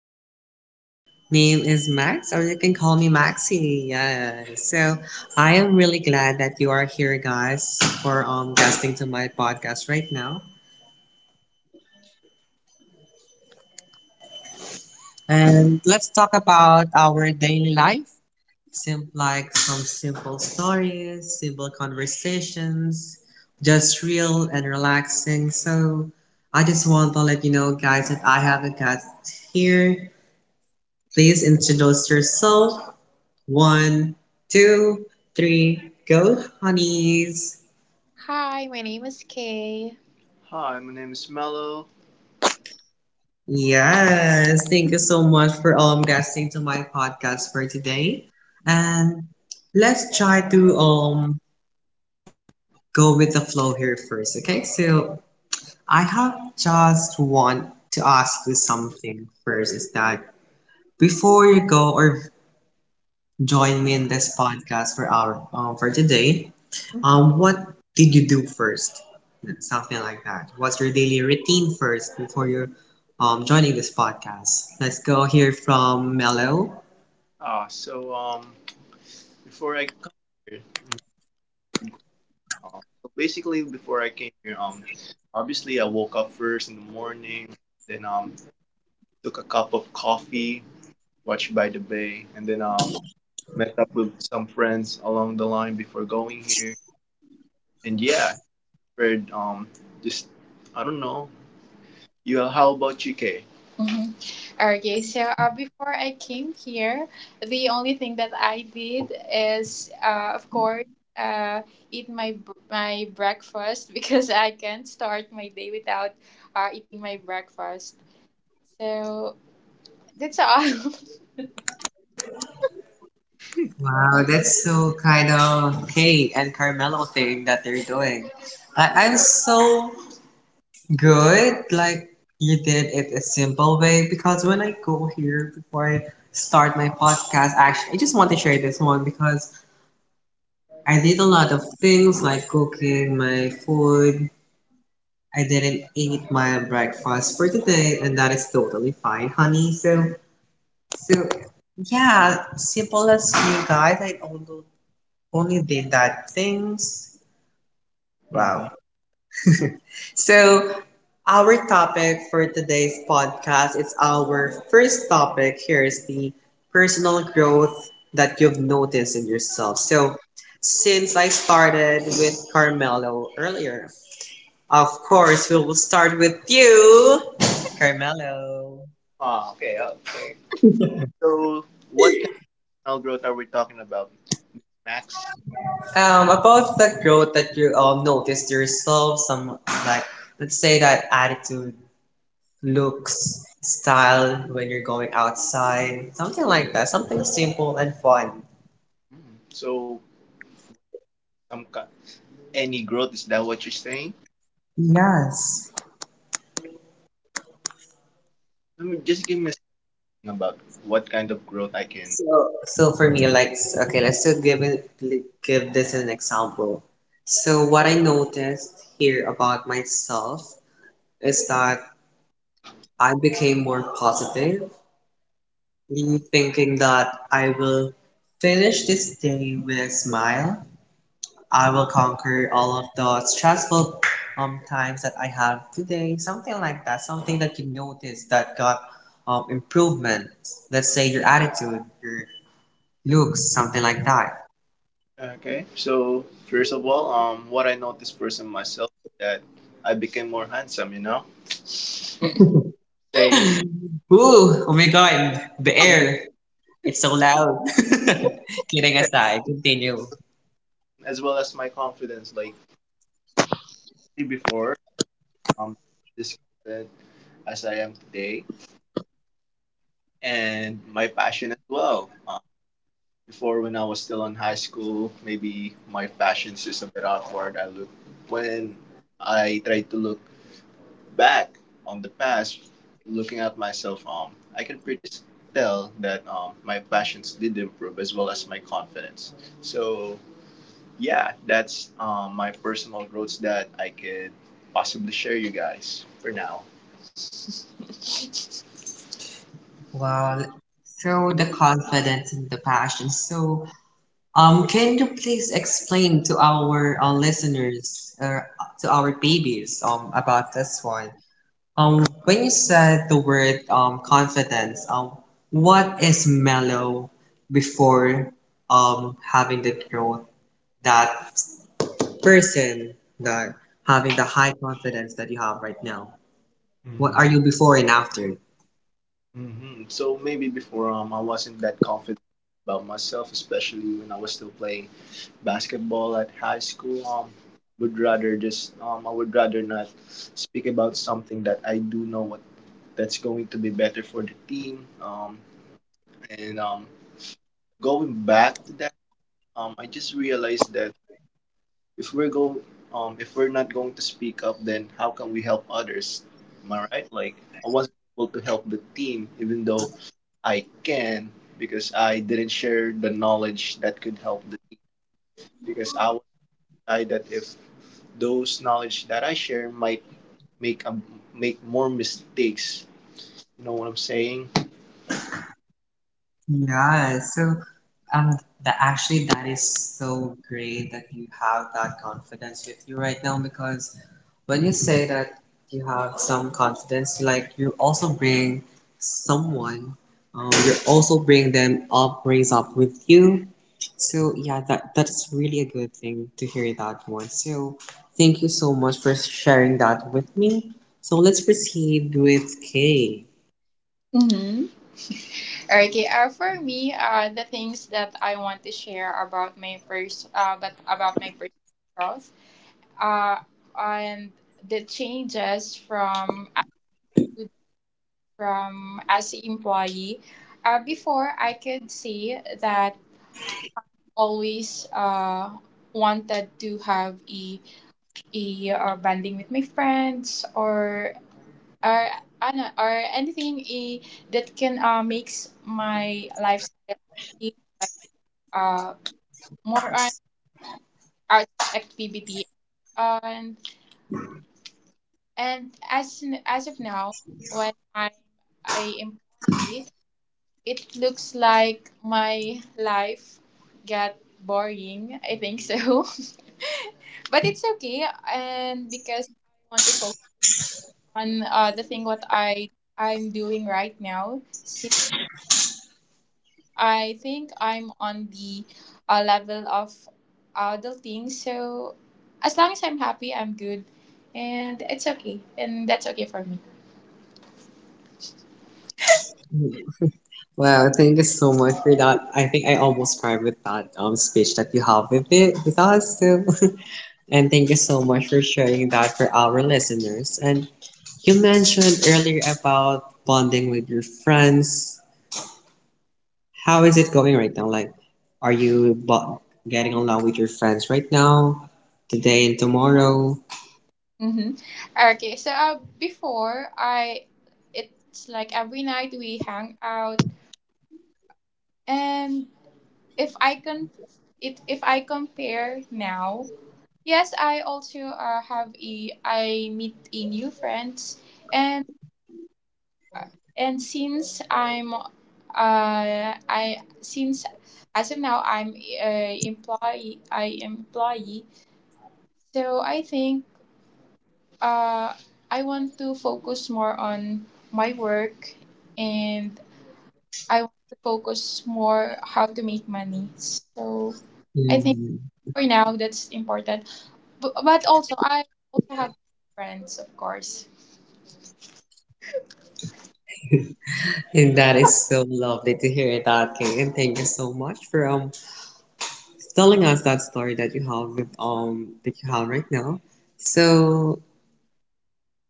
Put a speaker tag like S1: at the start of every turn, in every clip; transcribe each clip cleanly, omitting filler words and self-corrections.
S1: podcast, and my name is Max, or you can call me Maxi. Yeah. So I am really glad that you are here, guys, for guesting to my podcast right now. And let's talk about our daily life, like some simple stories, simple conversations, just real and relaxing. So I just want to let you know, guys, that I have a guest here. Please introduce yourself. One, two, three, go, honeys.
S2: Hi, my name is Kay. Hi, my name is Mello.
S1: Yes, thank you so much for guesting to my podcast for today. And let's try to go with the flow here first, okay? So I have just want to ask you something first is that before you go or join me in this podcast for our for today. What did you do first? Something like that. What's your daily routine first before you're joining this podcast? Let's go hear from Mello.
S2: Uh, so um, before I come here, in so basically before I came here, obviously I woke up first in the morning, then took a cup of coffee, watched by the bay, and then met up with some friends along the line before going here, and yeah, I prepared just I don't know. You how about you, UK? Mhm. Okay, so before I came here, the only thing that I did is, of course, eat my my breakfast because I can't start my day without eating my breakfast. So that's all.
S1: Wow, that's so kind of Kate and Carmelo thing that they're doing. I'm so good. Like you did it a simple way because when I go here before I start my podcast, actually, I just want to share this one because I did a lot of things like cooking my food. I didn't eat my breakfast for today, and that is totally fine, honey. So, so yeah, simple as you guys. I only did that things.
S2: Mm-hmm.
S1: Wow. So our topic for today's podcast is our first topic. Here is the personal growth that you've noticed in yourself. So since I started with Carmelo earlier, of course, we will start with you, Carmelo.
S2: Ah, okay, okay. So what kind of personal growth are we talking about, Max?
S1: About the growth that you noticed yourself, some, like, let's say that attitude, looks, style when you're going outside, something like that, something simple and fun.
S2: Mm. So some kind, any growth, is that what you're saying?
S1: Yes.
S2: Let me just give me about what kind of growth I can.
S1: So for me, like, okay, let's just give it, give this an example. So what I noticed here about myself is that I became more positive, leave thinking that I will finish this day with a smile. I will conquer all of the stressful times that I have today. Something like that. Something that you notice that got improvement. Let's say your attitude, your looks, something like that.
S2: Okay. So first of all, what I noticed first in myself that I became more handsome. You know, saying
S1: Ooh, oh my god, the air. It's so loud. Kidding aside, continue.
S2: as well as my confidence. Like before, um, this confident as I am today, and my passion as well. Before, when I was still in high school, maybe my passion's just a bit awkward. I look When I try to look back on the past, looking at myself, I can pretty tell that my passions did improve as well as my confidence. So yeah, that's my personal growths that I could possibly share you guys for now.
S1: Well, so the confidence and the passion. So can you please explain to our listeners, to our babies, about this one? When you said the word confidence, what is mellow before having the growth, that person that having the high confidence that you have right now? What are
S2: hmm
S1: you before and after?
S2: So maybe before, I wasn't that confident about myself, especially when I was still playing basketball at high school. Would rather just I would rather not speak about something that I do know what that's going to be better for the team. And going back to that, I just realized that if we're go, if we're not going to speak up, then how can we help others? Am I right? Like, I wasn't able to help the team, even though I can, because I didn't share the knowledge that could help the team. Because I was shy that if those knowledge that I share might make a, make more mistakes. You know what I'm saying?
S1: Yeah, so um, actually, that is so great that you have that confidence with you right now because when you say that you have some confidence, like you also bring someone, you also bring them up, raise up with you. So yeah, that's really a good thing to hear that one. So thank you so much for sharing that with me. So let's proceed with Kay.
S2: Okay, for me, the things that I want to share about my first, but about my personal growth, uh, and the changes from as an employee. Before, I could say that always wanted to have a bonding with my friends, or or anything, that can makes my lifestyle, like, uh more on art activity. And and as of now, when I'm a employee, it looks like my life got boring, I think so. But it's okay, and because I want to focus on, the thing what I'm doing right now. I think I'm on the, level of adulting, so as long as I'm happy, I'm good, and it's okay, and that's okay for me.
S1: Wow, thank you so much for that. I think I almost cried with that speech that you have with it with us too. And thank you so much for sharing that for our listeners. And you mentioned earlier about bonding with your friends. How is it going right now? Like, are you getting along with your friends right now, today and tomorrow?
S2: Mm-hmm. Okay, it's like every night we hang out, and if I can, it if I compare now, yes, I also have a I meet a new friends, and and since as of now, I am employee, so I think, uh, I want to focus more on my work, and I want to focus more how to make money. So I think
S1: Mm.
S2: for now that's important, but also, I also have friends, of course.
S1: And that is so lovely to hear that, Kay. And thank you so much for telling us that story that you have with that you have right now. So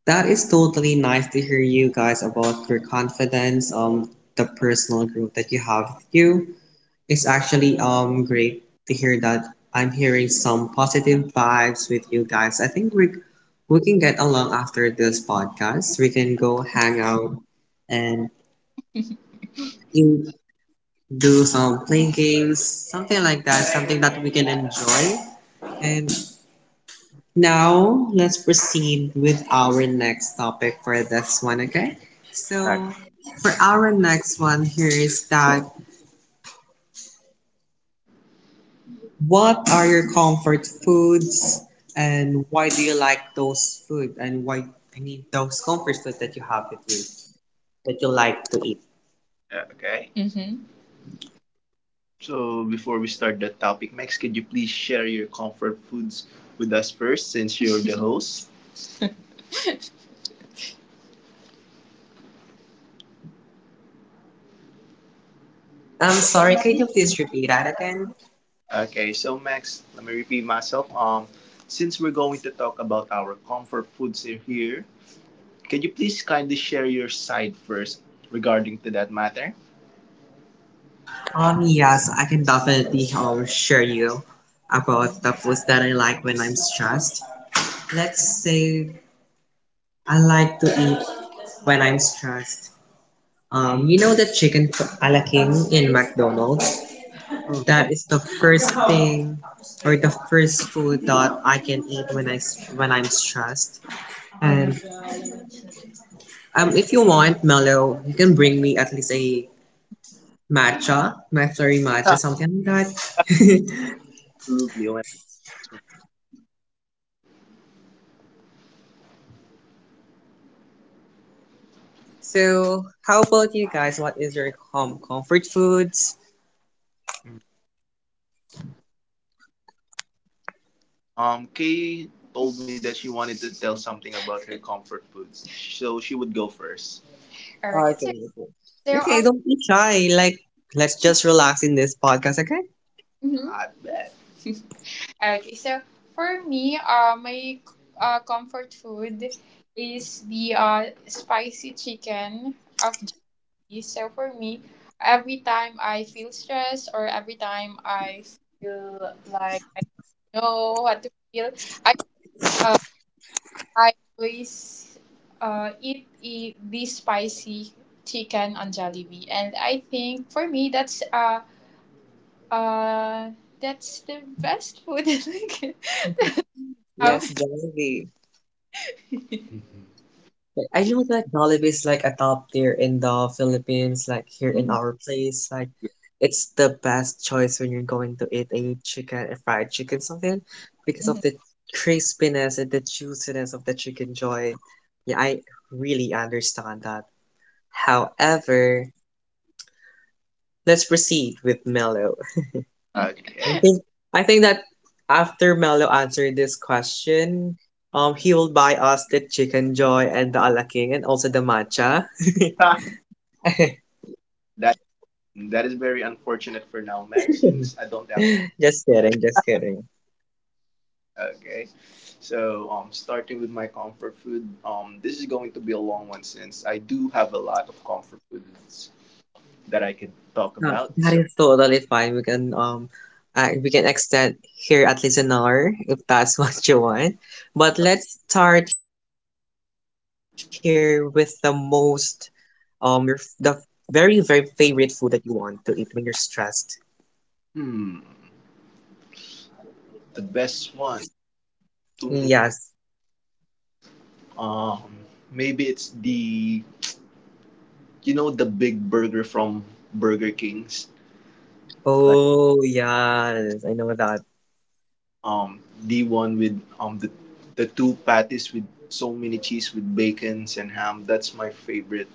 S1: that is totally nice to hear you guys about your confidence, um, the personal growth that you have with you. It's actually great to hear that I'm hearing some positive vibes with you guys. I think we can get along after this podcast. We can go hang out and you do some playing games, something like that, something that we can enjoy. And now, let's proceed with our next topic for this one, okay? So, for our next one here is that what are your comfort foods and why do you like those food, and why, I mean, those comfort food that you have with you that you like to eat?
S2: Okay. Mhm. So, before we start the topic, Max, could you please share your comfort foods with us first since you're the host?
S1: I'm sorry, can you please repeat that again?
S2: Okay, so Max, let me repeat myself. Since we're going to talk about our comfort foods here, can you please kindly share your side first regarding to that matter?
S1: Yes, I can definitely share you about the foods that I like when I'm stressed. Let's say I like to eat when I'm stressed. You know the chicken ala king in McDonald's? That is the first thing or the first food that I can eat when I when I'm stressed. And if you want mellow, you can bring me at least a matcha, McFlurry matcha, something like that.
S2: Absolutely. Owen.
S1: So how about you guys? What is your home comfort foods?
S2: Kay told me that she wanted to tell something about her comfort foods, so she would go first. Alright, it's
S1: Okay.
S2: okay. So,
S1: Okay, don't be shy. Like, let's just relax in this podcast, okay?
S2: mhm. I bet. Okay, so for me, my comfort food is the, spicy chicken of Jollibee. So for me, every time I feel stressed or every time I feel like I don't know what to feel, I uh, I always eat the spicy chicken on Jollibee, and I think for me uh that's the best food that I can, Mm,
S1: Yes,
S2: have.
S1: Jollibee. But I know that Jollibee is like a top tier in the Philippines, like here in
S2: Mhm.
S1: our place. Like it's the best choice when you're going to eat a chicken, a fried chicken, something because of the
S2: Mhm.
S1: crispiness and the juiciness of the chicken joy. Yeah, I really understand that. However, let's proceed with Mello. I think,
S2: Okay.
S1: I think that after Mello answered this question, he will buy us the Chicken Joy and the Alaking and also the matcha.
S2: That that is very unfortunate for now, Max, since I don't have
S1: Just
S2: that.
S1: kidding, just kidding.
S2: Okay. So, starting with my comfort food, this is going to be a long one since I do have a lot of comfort foods that I can talk
S1: No,
S2: about.
S1: that
S2: So,
S1: is totally fine. We can extend here at least an hour if that's what you want. But let's start here with the most um, your the very very favorite food that you want to eat when you're stressed.
S2: hmm the best one. Too many,
S1: Yes.
S2: um maybe it's the, the big burger from Burger King's. Like,
S1: Oh yes, I know that.
S2: the one with, the two patties with so many cheese with bacons and ham. That's my favorite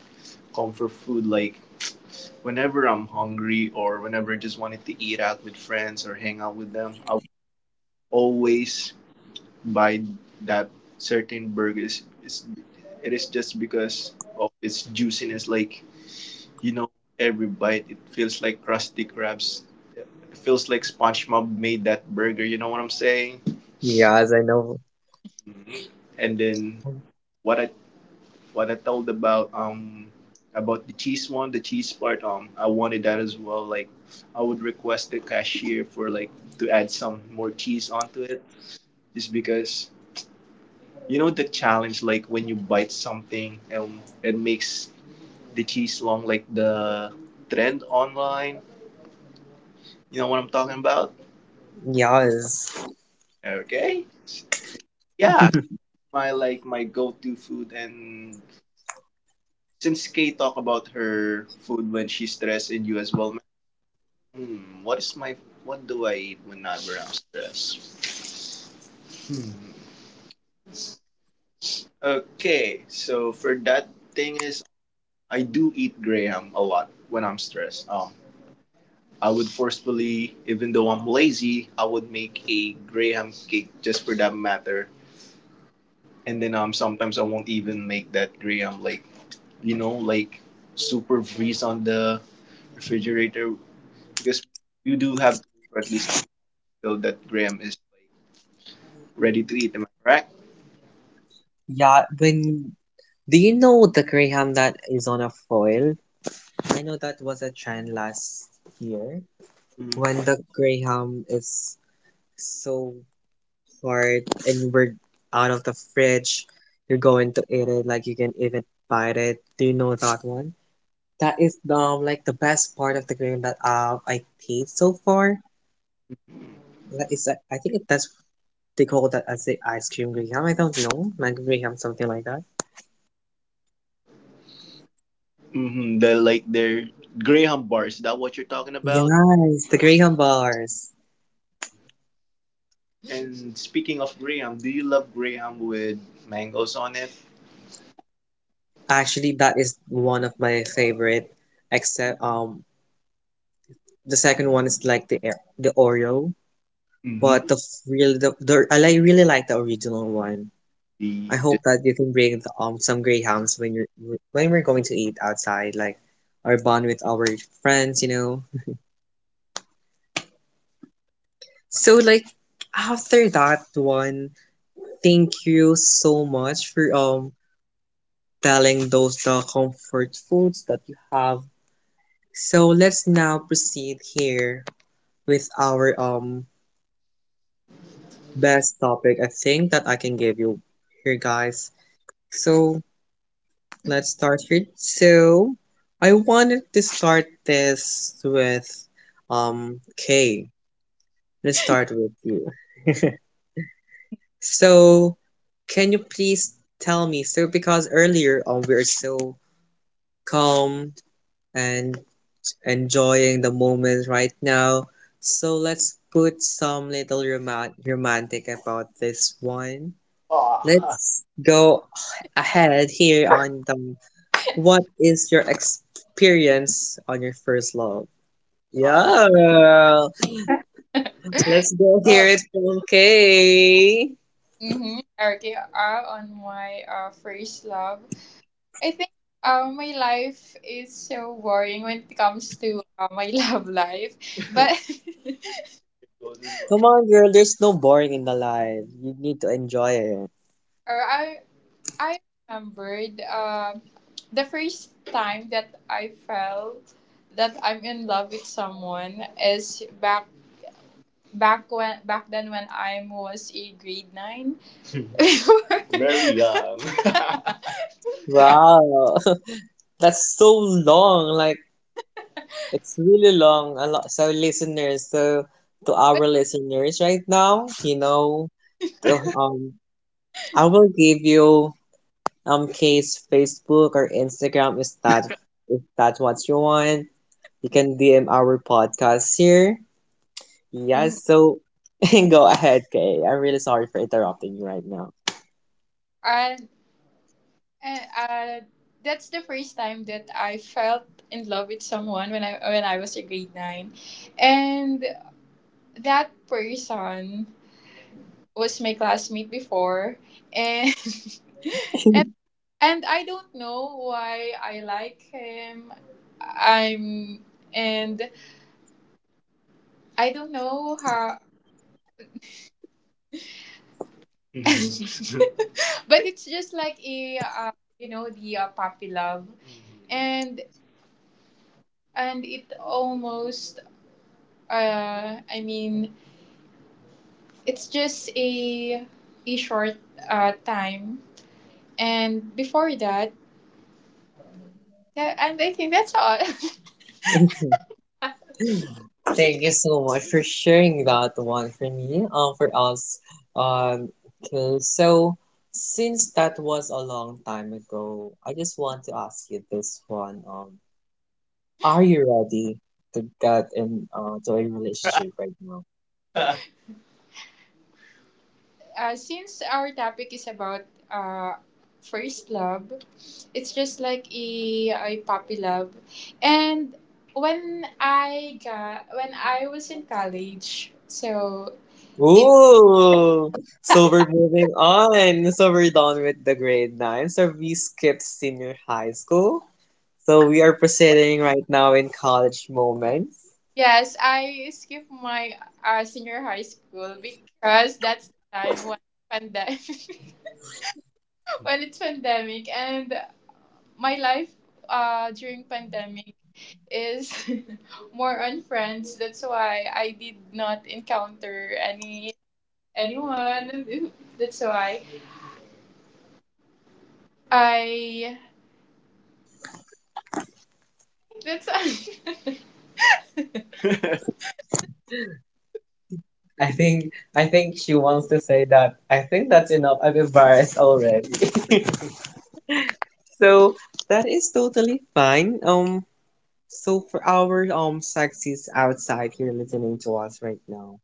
S2: comfort food. Like, whenever I'm hungry or whenever I just wanted to eat out with friends or hang out with them, I would always buy that certain burgers. It is just because of its juiciness. Like, you know, every bite it feels like crusty crabs. It feels like SpongeBob made that burger. You know what I'm saying?
S1: Yes, I know.
S2: Mhm. And then, what I what I told about, about the cheese one, the cheese part, I wanted that as well. Like, I would request the cashier for, like, to add some more cheese onto it. Just because, you know, the challenge, like when you bite something and it makes the cheese long like the trend online. You know what I'm talking about?
S1: Yes.
S2: Okay. Yeah. My go to food. And since Kay talked about her food when she's stressed, and you as well, what is my what do I eat whenever I'm stressed? Hmm. Okay, so for that thing is, I do eat graham a lot when I'm stressed. I would forcefully, even though I'm lazy, I would make a graham cake just for that matter. And then, sometimes I won't even make that graham, like, you know, like super freeze on the refrigerator, because you do have to wait for at least feel that Graham is like ready to eat. Am I correct?
S1: Yeah, when, do you know the graham that is on a foil? I know that was a trend last year, when
S2: Mm.
S1: the graham is so hard and we're out of the fridge, you're going to eat it, like you can even bite it, do you know that one? That is like the best part of the game that I played so far. That is, I think that's they call that as the ice cream Graham. I don't know, mango Graham, something like that.
S2: Mm-hmm. Their Graham bars. Is that what you're talking about?
S1: Yes, the Graham bars.
S2: And speaking of Graham, do you love Graham with mangoes on it?
S1: Actually, that is one of my favorite. Except the second one is like the the Oreo, but
S2: Mm-hmm.
S1: the real the, I like, really like the original one. I
S2: The
S1: hope that you can bring um, some Grahams when you're when we're going to eat outside, like or bond with our friends, you know. So like after that one, thank you so much for telling those the comfort foods that you have. So let's now proceed here with our best topic I think that I can give you here guys. So let's start here. So I wanted to start this with Kay. Let's start with you. So, can you please tell me? So, because earlier on we are so calm and enjoying the moment right now. So let's put some little romantic about this one.
S2: oh.
S1: Let's go ahead here on the, what is your experience on your first love? Yeah, let's go
S2: Oh,
S1: hear it from Kay.
S2: mm-hmm. Okay, on my, first love, I think, my life is so boring when it comes to, my love life. But Goes as well.
S1: Come on, girl, there's no boring in the life. You need to enjoy it.
S2: Or I remembered, the first time that I felt that I'm in love with someone is back then when I was a grade nine. Very young.
S1: Wow. That's so long. Like, it's really long. A lot. So, listeners, so to
S2: But
S1: our listeners right now, you know, to, I will give you case Facebook or Instagram is that if that's what you want. You can DM our podcast here.
S2: mm,
S1: Yes, so go ahead, Kay. I'm really sorry for interrupting you right now.
S2: and, and that's the first time that I felt in love with someone, when I was a grade nine, and that person was my classmate before, and and I don't know why I like him. I'm and I don't know how, but it's just like a, you know the, puppy love, and and it almost, I mean, it's just a short, time, and before that, that and I think that's all.
S1: Mm, thank you so much for sharing that one for me, for us. Um, okay, so since that was a long time ago, I just want to ask you this one. Are you ready to get in to a relationship right now?
S2: Since our topic is about, first love, it's just like a puppy love. And when I was in college, so it
S1: Ooh, so we're moving on. So we're done with the grade nine. So we skipped senior high school. So we are proceeding right now in college moments.
S2: yes, I skipped my, senior high school, because that's the time when pandemic when it's pandemic, and my life, during pandemic, is more on friends. That's why I did not encounter anyone. That's why I that's
S1: I think she wants to say that I think that's enough. I'm embarrassed already. So that is totally fine. Um, so for our sexies outside here listening to us right now,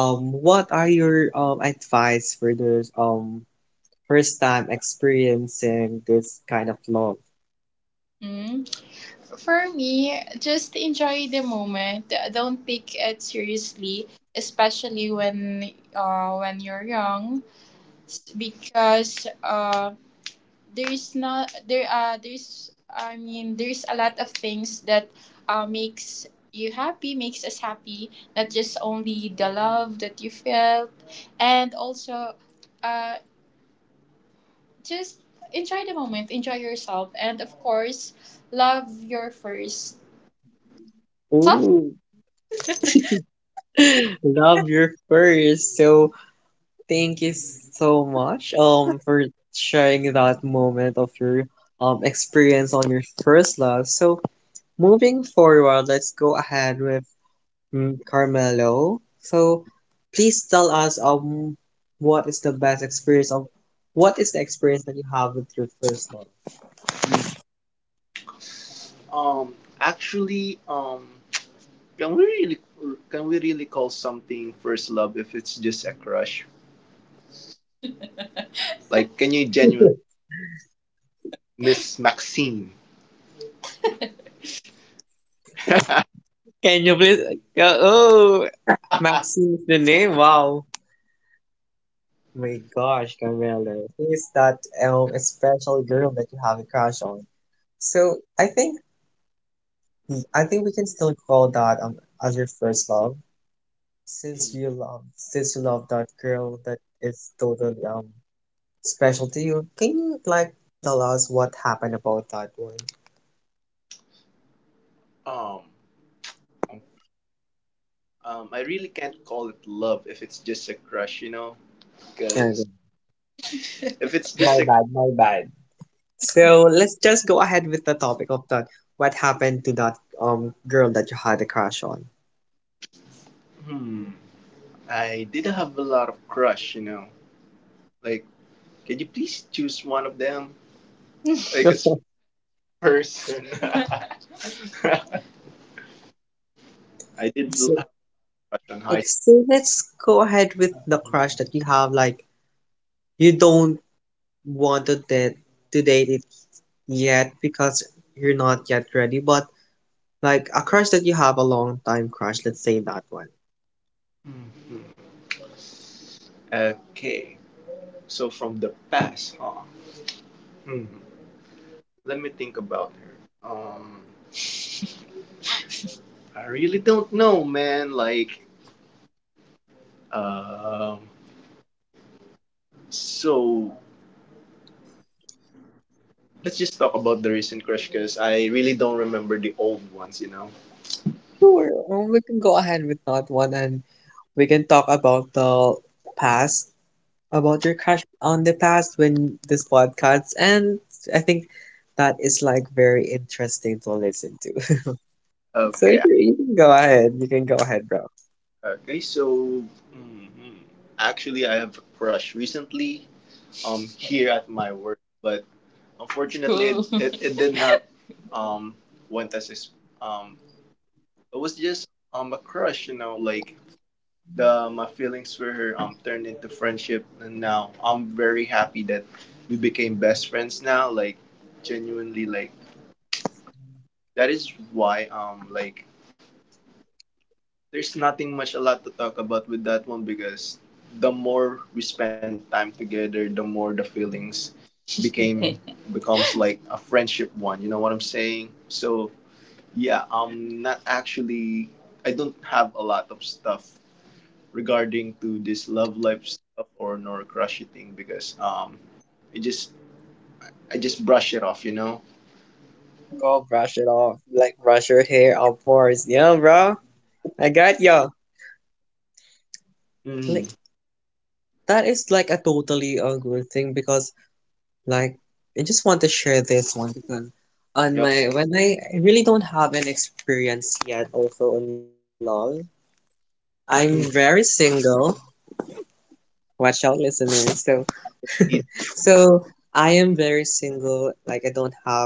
S1: um, what are your advice for those first time experiencing this kind of love?
S2: Mm. For me, just enjoy the moment. Don't take it seriously, especially when you're young, because, there's not there there's I mean, there's a lot of things that, uh makes makes us happy, not just only the love that you felt, and also, uh just enjoy the moment, enjoy yourself, and, of course, love your first self.
S1: Ooh. Love your first. So thank you so much for sharing that moment of your experience on your first love. So moving forward, let's go ahead with mm, Carmelo. So please tell us what is the best experience of, what is the experience that you have with your first love?
S2: Actually, can we really can we really call something first love if it's just a crush? Like, can you genuinely miss Maxine?
S1: Can you please oh, Maxine is the name? Wow. My gosh, Carmelo. Who is that special girl that you have a crush on? So I think I think we can still call that as your first love, since you love since you love that girl that is totally special to you. Can you like tell us what happened about that one?
S2: Um, um, I really can't call it love if it's just a crush, you know,
S1: Okay.
S2: because if it's just
S1: My
S2: a
S1: bad, my bad. So let's just go ahead with the topic of that. What happened to that girl that you had a crush on?
S2: hmm, I did have a lot of crush, you know. Like, can you please choose one of them? Like, a s- person. I did l-
S1: So,
S2: have a crush on high
S1: like,
S2: school.
S1: so let's go ahead with the crush that you have. Like, you don't want to date it yet because you're not yet ready, but like a crush that you have a long time crush, let's say that one.
S2: Mhm. Okay, so from the past, huh? Hmm. Let me think about her. I really don't know, man. Like, um, so let's just talk about the recent crush, because I really don't remember the old ones, you know?
S1: Sure. We can go ahead with that one and we can talk about the past, about your crush on the past when this podcast and I think that is like very interesting to listen to. So
S2: Okay.
S1: you can go ahead. You can go ahead, bro.
S2: Okay, so actually, I have a crush recently, here at my work, but unfortunately, it, Cool. it did not um, went as ex- um, it was just a crush, you know? The my feelings for her, turned into friendship, and now I'm very happy that we became best friends now. Like, genuinely, like, that is why, there's nothing much a lot to talk about with that one because the more we spent time together, the more the feelings became becomes like a friendship one. You know what I'm saying? So yeah, I'm not actually I don't have a lot of stuff regarding to this love life stuff or nor crushy thing because I just I just brush it off, you know?
S1: Go brush it off. Like brush your hair, of course. Yeah, bro. I got you. Like
S2: Mm.
S1: that is like a totally a good thing because like, I just want to share this one because on
S2: Yep.
S1: my when I really don't have an experience yet also in love. I'm very
S2: Mm. I
S1: single. Watch out, listeners. So
S2: can see
S1: so I am very single. Like I don't have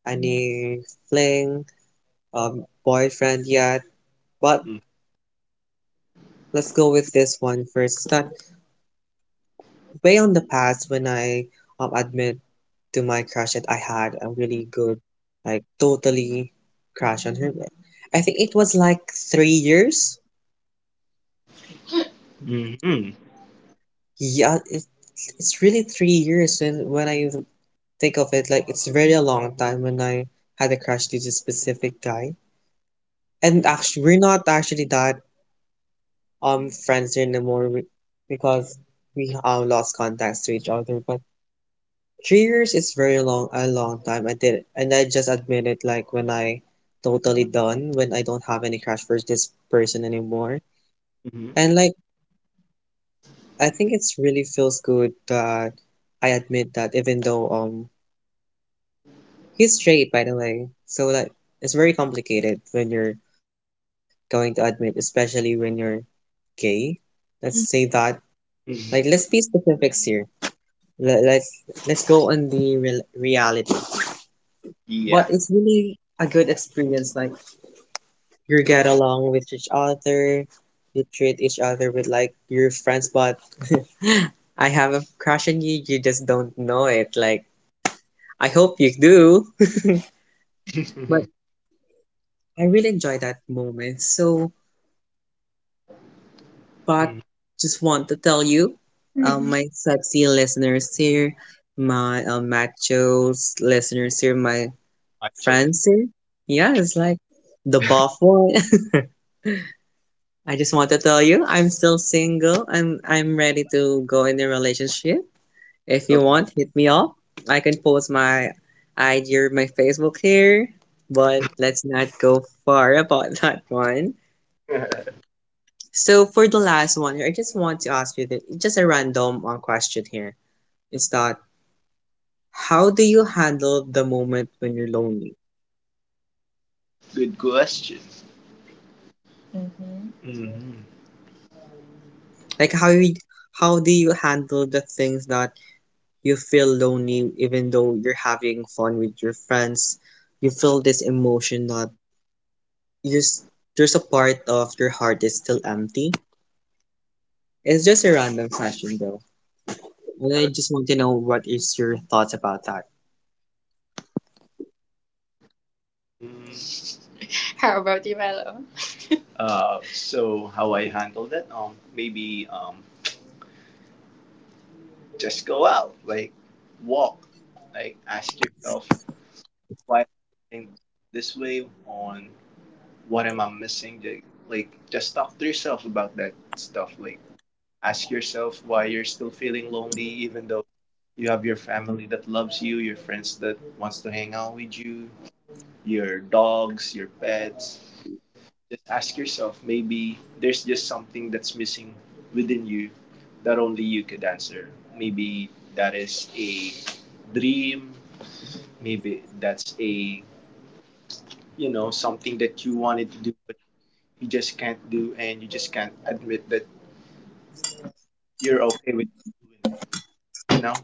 S1: any fling, boyfriend yet. But
S2: that.
S1: let's go with this one first. It's not way on the past when I admit to my crush that I had a really good, like totally crush on her. I think it was like 3 years.
S2: Mm. Mhm.
S1: Yeah, it's really 3 years when I think of it. Like it's very a long time when I had a crush to this specific guy. And actually, we're not actually that friends anymore because we lost contacts to each other. But 3 years is very long, a long time. I did it, and I just admit it. Like when I totally done, when I don't have any crush for this person anymore, and
S2: Mhm.
S1: like I think it's really feels good that I admit that, even though he's straight, by the way. So like it's very complicated when you're going to admit, especially when you're gay. Let's say that. Like let's be
S2: Mhm.
S1: specifics here. Let's let's go on the real reality. But it's
S2: Yeah.
S1: really a good experience. Like you get along with each other, you treat each other with like your friends, but I have a crush on you, you just don't know it. Like, I hope you do. But I really enjoy that moment. So, but
S2: Mm.
S1: just want to tell you, my
S2: Mm-hmm.
S1: sexy listeners here, my machos listeners here, my
S2: My
S1: friends here.
S2: children?
S1: Yeah, it's like the buff one. I just want to tell you, I'm still single and I'm ready to go in a relationship. If you want,
S2: So
S1: hit me up. I can post my ID or my Facebook here, but let's not go far about that one. So for the last one here, I just want to ask you this, just a random question here. Is that how do you handle the moment when you're lonely?
S2: good question. Mm-hmm.
S1: Like how do you handle the things that you feel lonely even though you're having fun with your friends. You feel this emotion that you're, s- there's a part of your heart that's still empty. It's just a random question though. And I just want to know what is your thoughts about that.
S2: Mm, how about you, Valo? So how I handle that? Maybe just go out, like walk, like ask yourself why am I this way, on what am I missing? Like just talk to yourself about that stuff. Like ask yourself why you're still feeling lonely, even though you have your family that loves you, your friends that wants to hang out with you, your dogs, your pets. Just ask yourself, maybe there's just something that's missing within you that only you could answer. Maybe that is a dream, maybe that's a, you know, something that you wanted to do but you just can't do, and you just can't admit that you're okay with doing it. You know?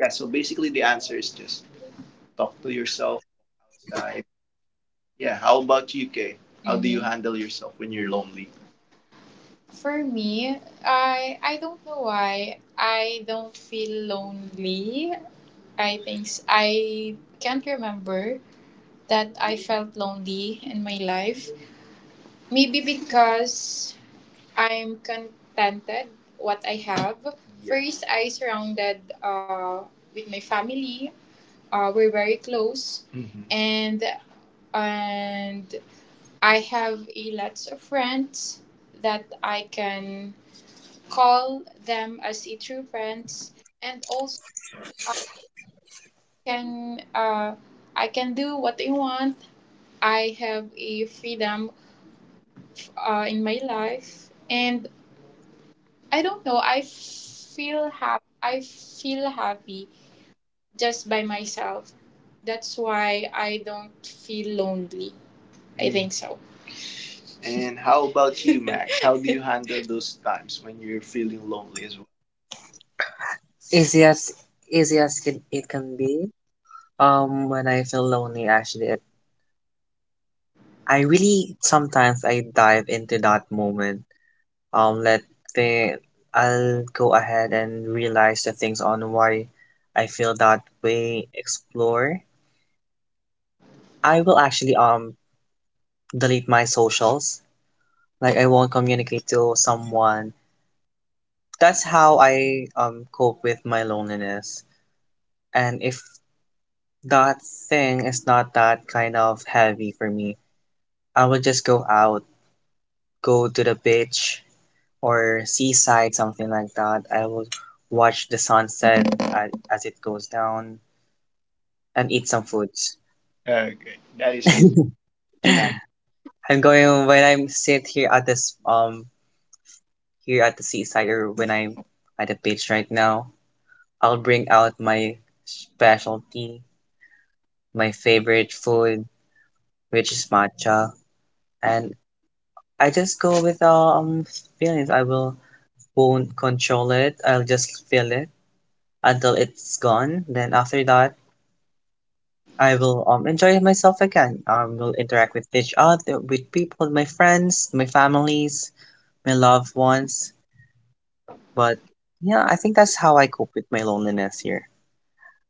S2: Yeah, so basically the answer is just talk to yourself outside. Yeah, how about you, Kay? How do you handle yourself when you're lonely? For me, I don't know why I don't feel lonely. I think I can't remember that I felt lonely in my life. Maybe because I'm contented what I have. First, I surrounded with my family. We're very close, mhm, and I have a lots of friends that I can call them as a true friends, and also I can uh, I can do what I want. I have a freedom in my life, and I don't know, I feel happy just by myself. That's why I don't feel lonely, I think so. And how about you, Max? How do you handle those times when you're feeling lonely as well?
S1: Easy as it can be. When I feel lonely, actually, I really sometimes I dive into that moment let they I'll go ahead and realize the things on why I feel that way explore. I will actually delete my socials. Like I won't communicate to someone. That's how I cope with my loneliness. And if that thing is not that kind of heavy for me, I will just go out, go to the beach or seaside, something like that. I will watch the sunset as it goes down and eat some foods.
S2: Okay, that is good, mhm, Max.
S1: I'm going when I'm sit here at this here at the seaside or when I'm at the beach right now. I'll bring out my specialty, my favorite food, which is matcha, and I just go with feelings. I will won't control it. I'll just feel it until it's gone. Then after that, I will enjoy myself again. Will interact with each other, with people, my friends, my families, my loved ones. But yeah, I think that's how I cope with my loneliness here.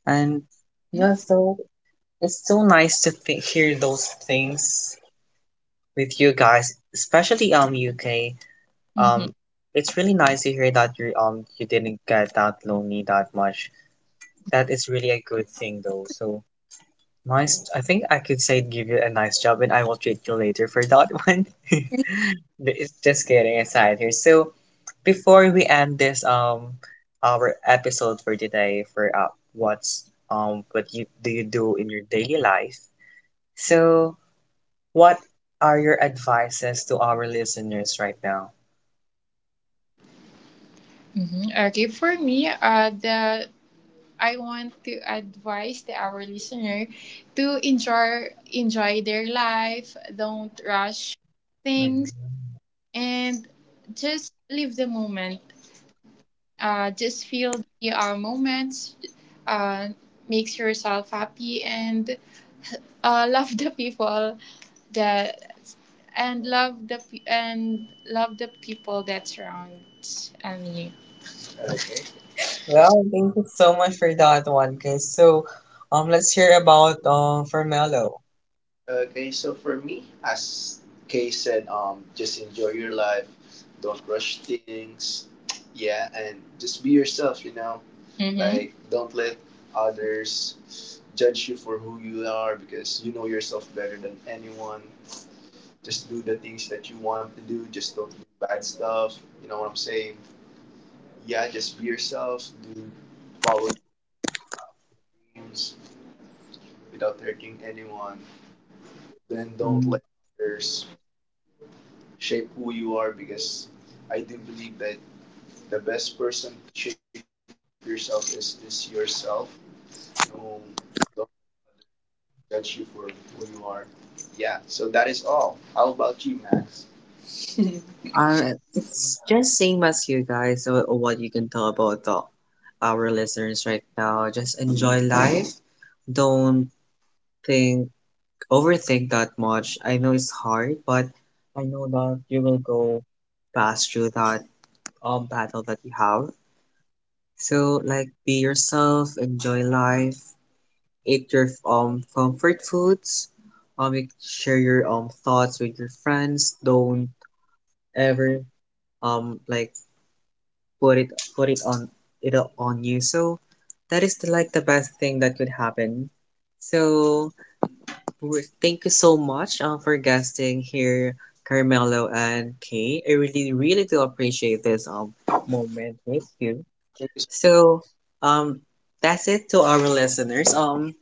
S1: And yeah, so it's so nice to hear those things with you guys, especially UK. Um, it's really nice to hear that you didn't get that lonely that much. That is really a good thing though. So nice. I think I could say give you a nice job and I will treat you later for that one. But it's just kidding aside here. So before we end this our episode for today for what's what you do in your daily life. So what are your advices to our listeners right now?
S2: Mhm. Okay, for me, the I want to advise the our listener to enjoy their life. Don't rush things,
S1: Mhm.
S2: and just live the moment. Just feel the moments. Uh, makes yourself happy, and love the people that and love the people that surrounds, you.
S1: Well, thank you so much for that one, guys. So let's hear about for Mello.
S2: Okay, so for me, as Kay said, just enjoy your life. Don't rush things. Yeah, and just be yourself. You know, mm-hmm, like don't let others judge you for who you are because you know yourself better than anyone. Just do the things that you want to do. Just don't do bad stuff. You know what I'm saying? Yeah, just be yourself. Do follow your dreams without hurting anyone. Then don't let others shape who you are because I do believe that the best person to shape yourself is yourself. No, don't judge you for who you are. Yeah, so that is all. How about you, Max?
S1: It's just same as you guys. So, what you can tell about our listeners right now. Just enjoy life. Don't think, overthink that much. I know it's hard, but I know that you will go past through that battle that you have. So like, be yourself. Enjoy life. Eat your comfort foods. Share your thoughts with your friends. Don't ever like put it on it on you. So that is like the best thing that could happen. So we thank you so much for guesting here, Carmelo and Kay. I really do appreciate this moment with you.
S2: Thank you so
S1: So um that's it to our listeners. Um,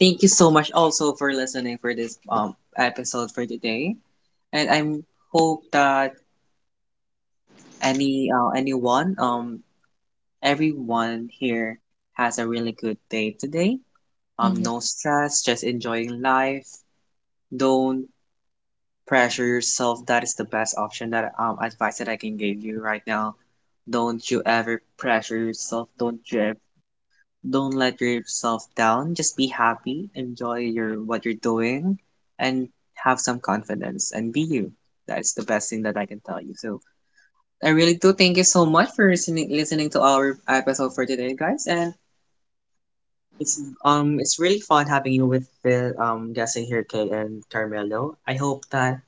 S1: thank you so much also for listening for this episode for today. And I'm hope that any anyone everyone here has a really good day today.
S2: much. Mm-hmm.
S1: No stress, just enjoying life. Don't pressure yourself. That is the best option that advice that I can give you right now. Don't you ever pressure yourself. Don't let yourself down. Just be happy. Enjoy your what you're doing, and have some confidence and be you. That is the best thing that I can tell you. So I really do thank you so much for listening to our episode for today, guys. And it's it's really fun having you with the guessing here, Kay and Carmelo. I hope that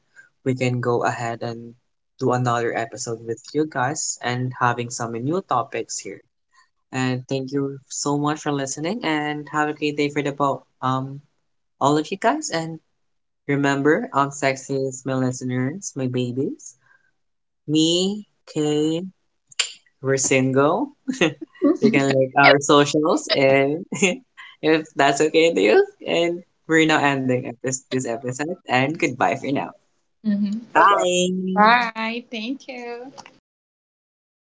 S1: we can go ahead and do another episode with you guys and having some new topics here. And thank you so much for listening and have a great day for the both all of you guys and remember sexy is my listeners, my babies, me, Kay, we're single. We can like our socials, and if that's okay to you, and we're now ending this episode. And goodbye for now.
S2: Mm-hmm. Bye bye.
S1: Bye.
S2: Bye. Thank you.